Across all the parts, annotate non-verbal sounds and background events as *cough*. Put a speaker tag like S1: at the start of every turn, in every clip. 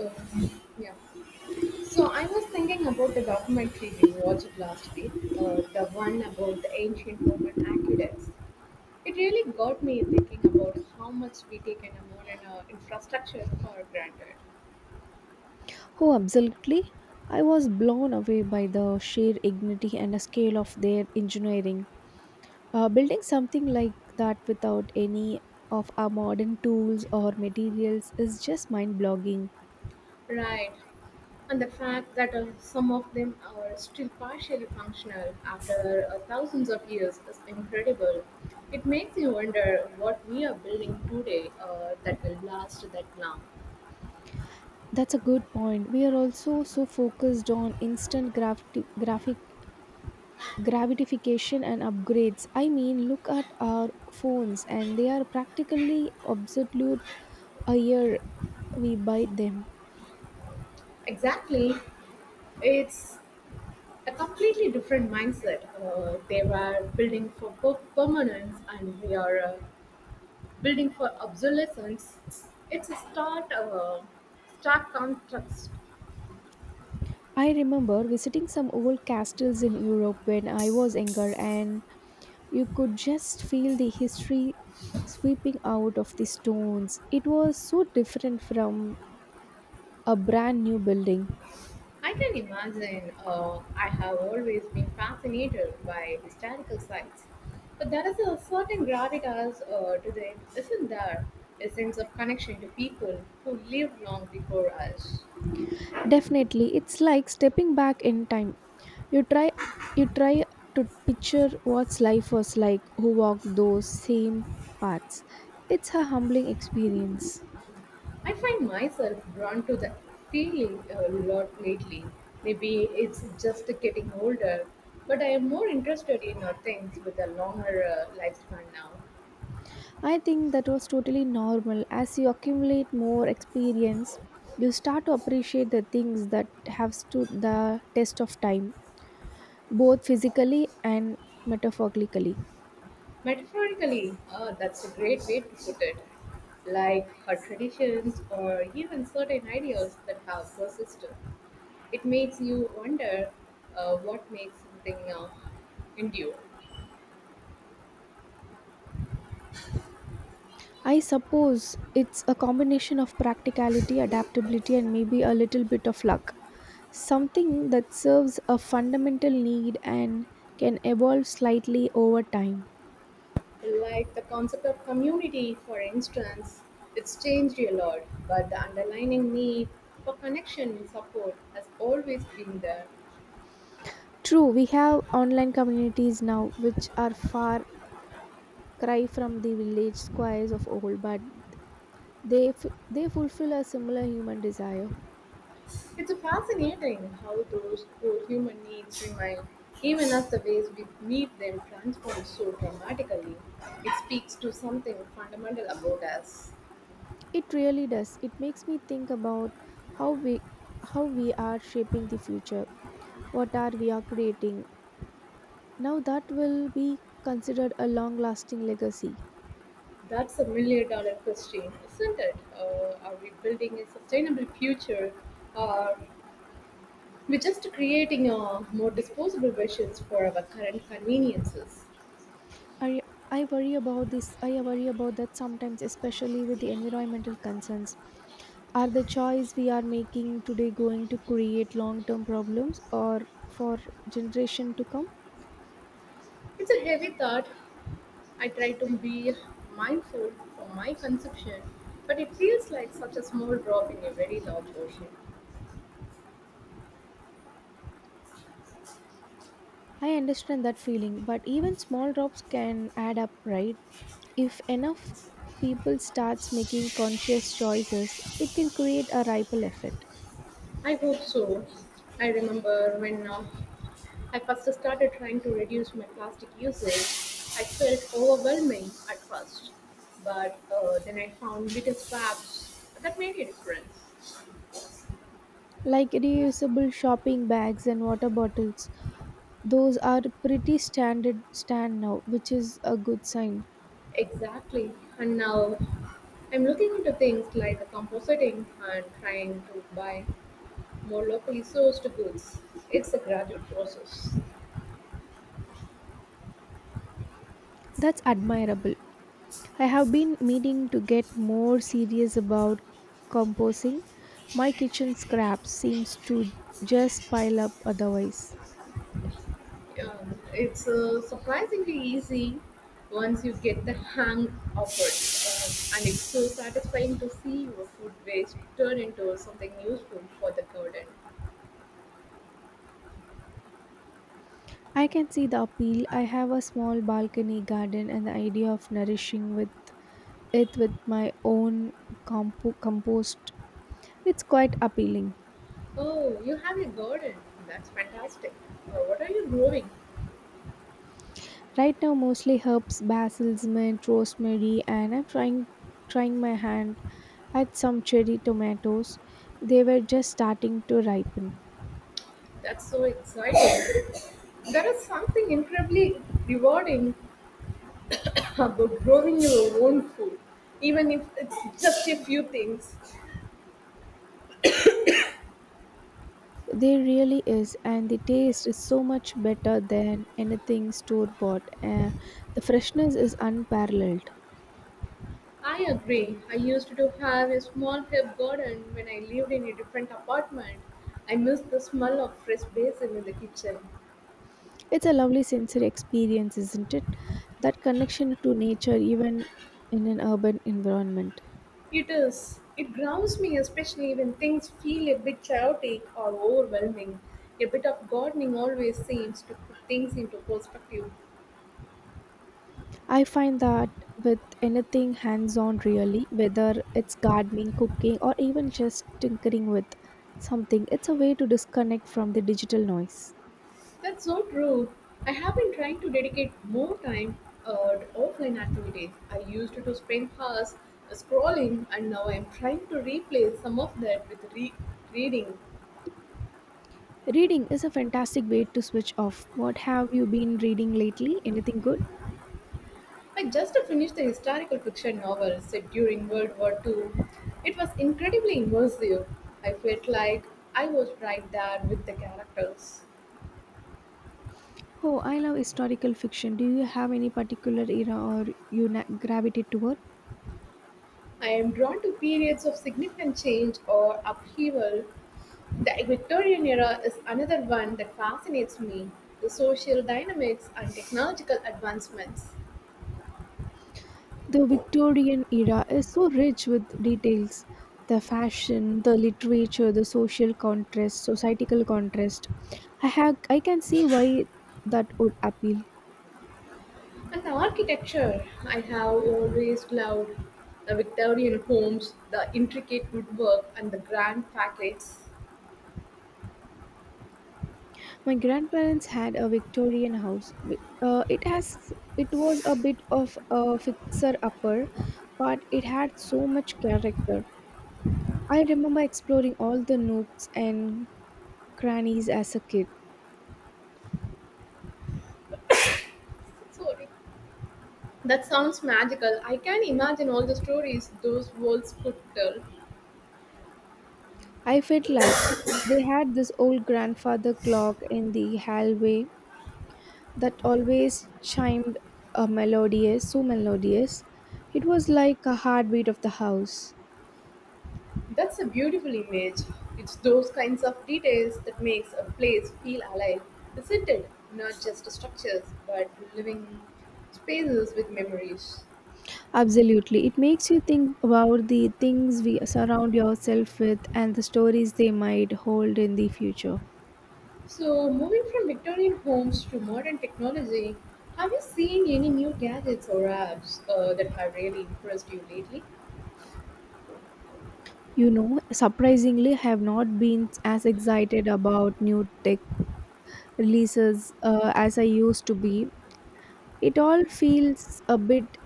S1: Uh, yeah. So I was thinking about the documentary we watched last week, the one about the ancient Roman aqueducts. It really got me thinking about how much we take in a modern infrastructure for granted.
S2: Oh, absolutely. I was blown away by the sheer ignity and the scale of their engineering. Building something like that without any of our modern tools or materials is just mind blogging.
S1: Right. And the fact that some of them are still partially functional after thousands of years is incredible. It makes you wonder what we are building today that will last that long.
S2: That's a good point. We are also so focused on instant gravity, graphic gratification and upgrades. I mean, look at our phones, and they are practically obsolete a year we buy them.
S1: Exactly. It's a completely different mindset. They were building for permanence, and we are building for obsolescence. It's a stark contrast.
S2: I remember visiting some old castles in Europe when I was younger, and you could just feel the history sweeping out of the stones. It was so different from a brand new building.
S1: I can imagine. I have always been fascinated by historical sites, but there is a certain gravitas to them, isn't there? A sense of connection to people who lived long before us.
S2: Definitely, it's like stepping back in time. You try you try to picture what's life was like who walked those same paths. It's a humbling experience.
S1: I find myself drawn to that feeling a lot lately. Maybe it's just getting older, but I am more interested in things with a longer lifespan now.
S2: I think that was totally normal. As you accumulate more experience, you start to appreciate the things that have stood the test of time, both physically and metaphorically.
S1: Metaphorically, that's a great way to put it. Like her traditions or even certain ideas that have persisted. It makes you wonder what makes something endure.
S2: I suppose it's a combination of practicality, adaptability, and maybe a little bit of luck. Something that serves a fundamental need and can evolve slightly over time.
S1: Like the concept of community, for instance, it's changed a lot, but the underlying need for connection and support has always been there.
S2: True, we have online communities now which are far cry from the village squares of old, but they fulfill a similar human desire.
S1: It's fascinating how those core human needs remain, even as the ways we meet them transform so dramatically. It speaks to something fundamental about us.
S2: It really does. It makes me think about how we how we are shaping the future. What are we are creating now that will be considered a long lasting legacy.
S1: That's a million dollar question, isn't it? Are we building a sustainable future or we're just creating more disposable versions for our current conveniences.
S2: I I worry about this. I worry about that sometimes, especially with the environmental concerns. Are the choice we are making today going to create long term problems or for generation to come?
S1: It's a heavy thought. I try to be mindful for my consumption, but it feels like such a small drop in a very large ocean.
S2: I understand that feeling, but even small drops can add up, right? If enough people starts making conscious choices, it can create a ripple effect.
S1: I hope so. I remember when I first started trying to reduce my plastic usage, I felt overwhelming at first, but then I found little scraps that made a difference.
S2: Like reusable shopping bags and water bottles, those are pretty standard stand now, which is a good sign.
S1: Exactly. And now I'm looking into things like compositing and trying to buy more locally sourced goods. It's a gradual process.
S2: That's admirable. I have been meaning to get more serious about composing. My kitchen scraps seems to just pile up otherwise.
S1: It's surprisingly easy once you get the hang of it. And it's so satisfying to see your food waste turn into something useful for the garden.
S2: I can see the appeal. I have a small balcony garden and the idea of nourishing with it with my own compost. It's quite appealing.
S1: Oh, you have a garden. That's fantastic. What are you growing?
S2: Right now mostly herbs, basil, mint, rosemary and I'm trying my hand at some cherry tomatoes. They were just starting to ripen.
S1: That's so exciting. There is something incredibly rewarding *coughs* about growing your own food, even if it's just a few things.
S2: They really is and the taste is so much better than anything store bought. The freshness is unparalleled.
S1: I agree. I used to have a small herb garden when I lived in a different apartment. I miss the smell of fresh basil in the kitchen.
S2: It's a lovely sensory experience, isn't it? That connection to nature, even in an urban environment.
S1: It is. It grounds me, especially when things feel a bit chaotic or overwhelming. A bit of gardening always seems to put things into perspective.
S2: I find that with anything hands on, really, whether it's gardening, cooking, or even just tinkering with something, it's a way to disconnect from the digital noise.
S1: That's so true. I have been trying to dedicate more time to offline activities. I used to spend hours scrolling, and now I'm trying to replace some of that with reading.
S2: Reading is a fantastic way to switch off. What have you been reading lately? Anything good?
S1: I just finished the historical fiction novel set during World War II. It was incredibly immersive. I felt like I was right there with the characters.
S2: Oh, I love historical fiction. Do you have any particular era or gravitate towards?
S1: I am drawn to periods of significant change or upheaval. The Victorian era is another one that fascinates me. The social dynamics and technological advancements,
S2: The Victorian era is so rich with details the fashion, the literature, the social contrast, societal contrast. I can see why that would appeal.
S1: and the architecture I have always loved. The Victorian homes, the intricate woodwork, and the grand facades.
S2: My grandparents had a Victorian house. It was a bit of a fixer upper, but it had so much character. I remember exploring all the nooks and crannies as a kid.
S1: Sorry. That sounds magical. I can imagine all the stories those walls could tell.
S2: I felt like they had this old grandfather clock in the hallway that always chimed a so melodious. It was like a heartbeat of the house.
S1: That's a beautiful image. It's those kinds of details that makes a place feel alive, isn't it? Not just structures, but living spaces with memories.
S2: Absolutely. It makes you think about the things we surround yourself with and the stories they might hold in the future.
S1: So, moving from Victorian homes to modern technology, have you seen any new gadgets or apps that have really impressed you lately?
S2: You know, surprisingly, I have not been as excited about new tech releases as I used to be. It all feels a bit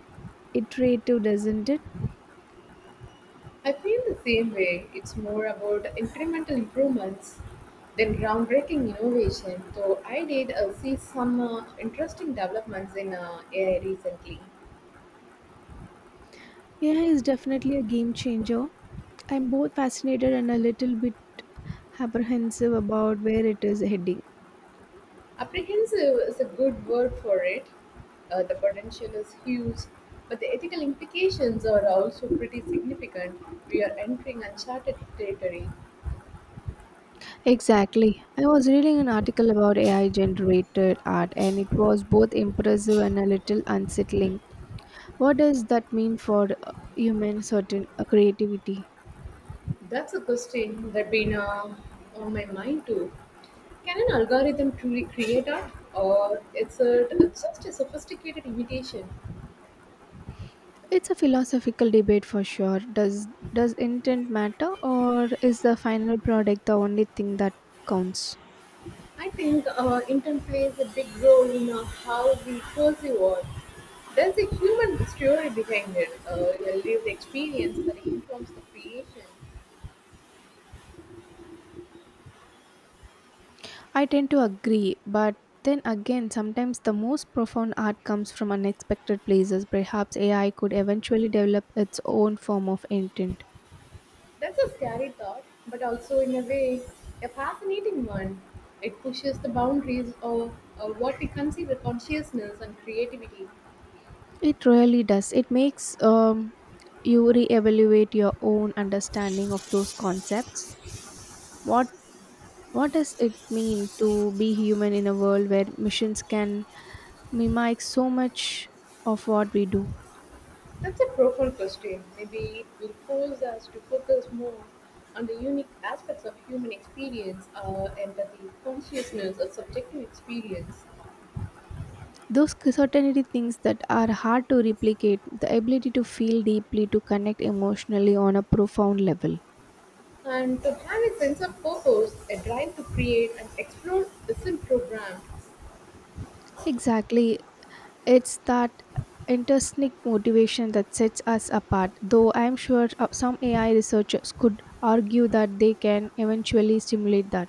S2: iterative, doesn't it?
S1: I feel the same way. It's more about incremental improvements than groundbreaking innovation, though I did see some interesting developments in AI recently.
S2: AI is definitely a game changer. I'm both fascinated and a little bit apprehensive about where it is heading.
S1: Apprehensive is a good word for it. The potential is huge, but the ethical implications are also pretty significant. We are entering uncharted territory.
S2: Exactly. I was reading an article about AI generated art and it was both impressive and a little unsettling. What does that mean for human certain creativity?
S1: That's a question that's been on my mind too. Can an algorithm truly create art, or is it just a sophisticated imitation?
S2: It's a philosophical debate for sure. Does intent matter or is the final product the only thing that counts?
S1: I think intent plays a big role in how we perceive art. There's a human story behind it, a lived experience that informs the creation.
S2: I tend to agree, but then again, sometimes the most profound art comes from unexpected places. Perhaps AI could eventually develop its own form of intent.
S1: That's a scary thought, but also, in a way, a fascinating one. It pushes the boundaries of what we consider consciousness and creativity.
S2: It really does. It makes you reevaluate your own understanding of those concepts. What what does it mean to be human in a world where machines can mimic so much of what we do?
S1: That's a profound question. Maybe it will force us to focus more on the unique aspects of human experience, empathy, consciousness, or subjective experience,
S2: Those certainty things that are hard to replicate, the ability to feel deeply, to connect emotionally on a profound level.
S1: and to have a sense of purpose, a drive to create and explore isn't programmed.
S2: Exactly. It's that intrinsic motivation that sets us apart, though I'm sure some AI researchers could argue that they can eventually stimulate that.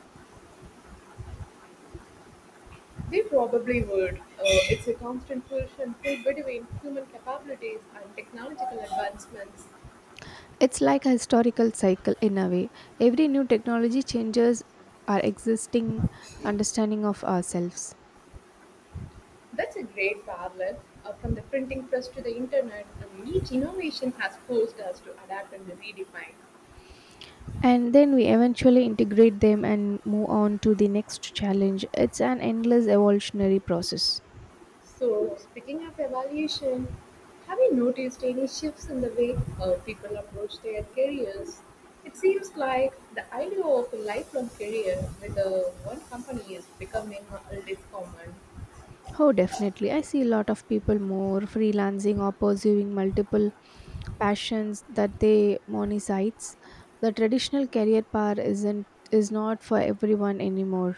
S1: They probably would. It's a constant push and pull between human capabilities and technological advancements.
S2: It's like a historical cycle in a way. Every new technology changes our existing understanding of ourselves.
S1: That's a great parallel. From the printing press to the internet, and each innovation has forced us to adapt and redefine.
S2: And then we eventually integrate them and move on to the next challenge it's an endless evolutionary process.
S1: So, speaking of evaluation, have you noticed any shifts in the way people approach their careers? It seems like the idea of a lifelong career with one company is becoming less common.
S2: Oh, definitely, I see a lot of people more freelancing or pursuing multiple passions that they monetize. The traditional career path isn't is not for everyone anymore.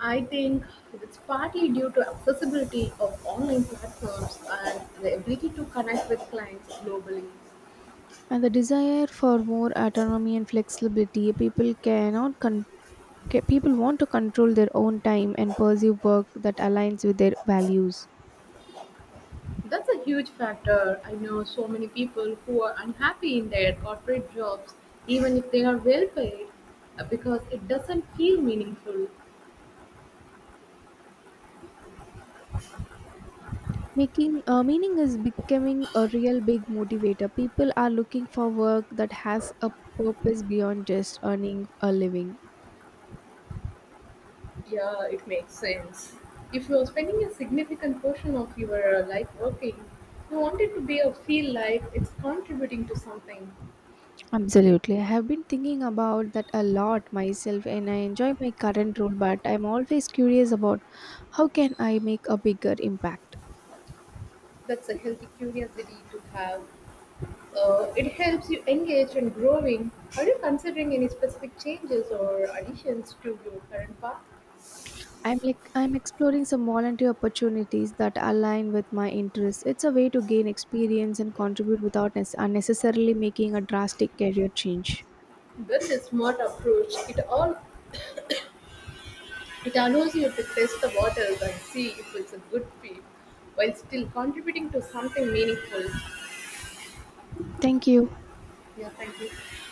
S1: I think it's partly due to accessibility of online platforms and the ability to connect with clients globally.
S2: And the desire for more autonomy and flexibility, people cannot con- ca- people want to control their own time and pursue work that aligns with their values.
S1: That's a huge factor. I know so many people who are unhappy in their corporate jobs, even if they are well paid, because it doesn't feel meaningful.
S2: Making meaning is becoming a real big motivator. People are looking for work that has a purpose beyond just earning a living.
S1: Yeah, it makes sense. If you're spending a significant portion of your life working, you want it to be a feel like it's contributing to something.
S2: Absolutely. I have been thinking about that a lot myself and I enjoy my current role, but I'm always curious about how can I make a bigger impact.
S1: That's a healthy curiosity to have. It helps you engage and growing. Are you considering any specific changes or additions to your current path?
S2: I'm exploring some volunteer opportunities that align with my interests. It's a way to gain experience and contribute without unnecessarily making a drastic career change.
S1: With a smart approach, it allows you to test the waters and see if it's a good fit while still contributing to something meaningful.
S2: Thank you.
S1: Yeah, thank you.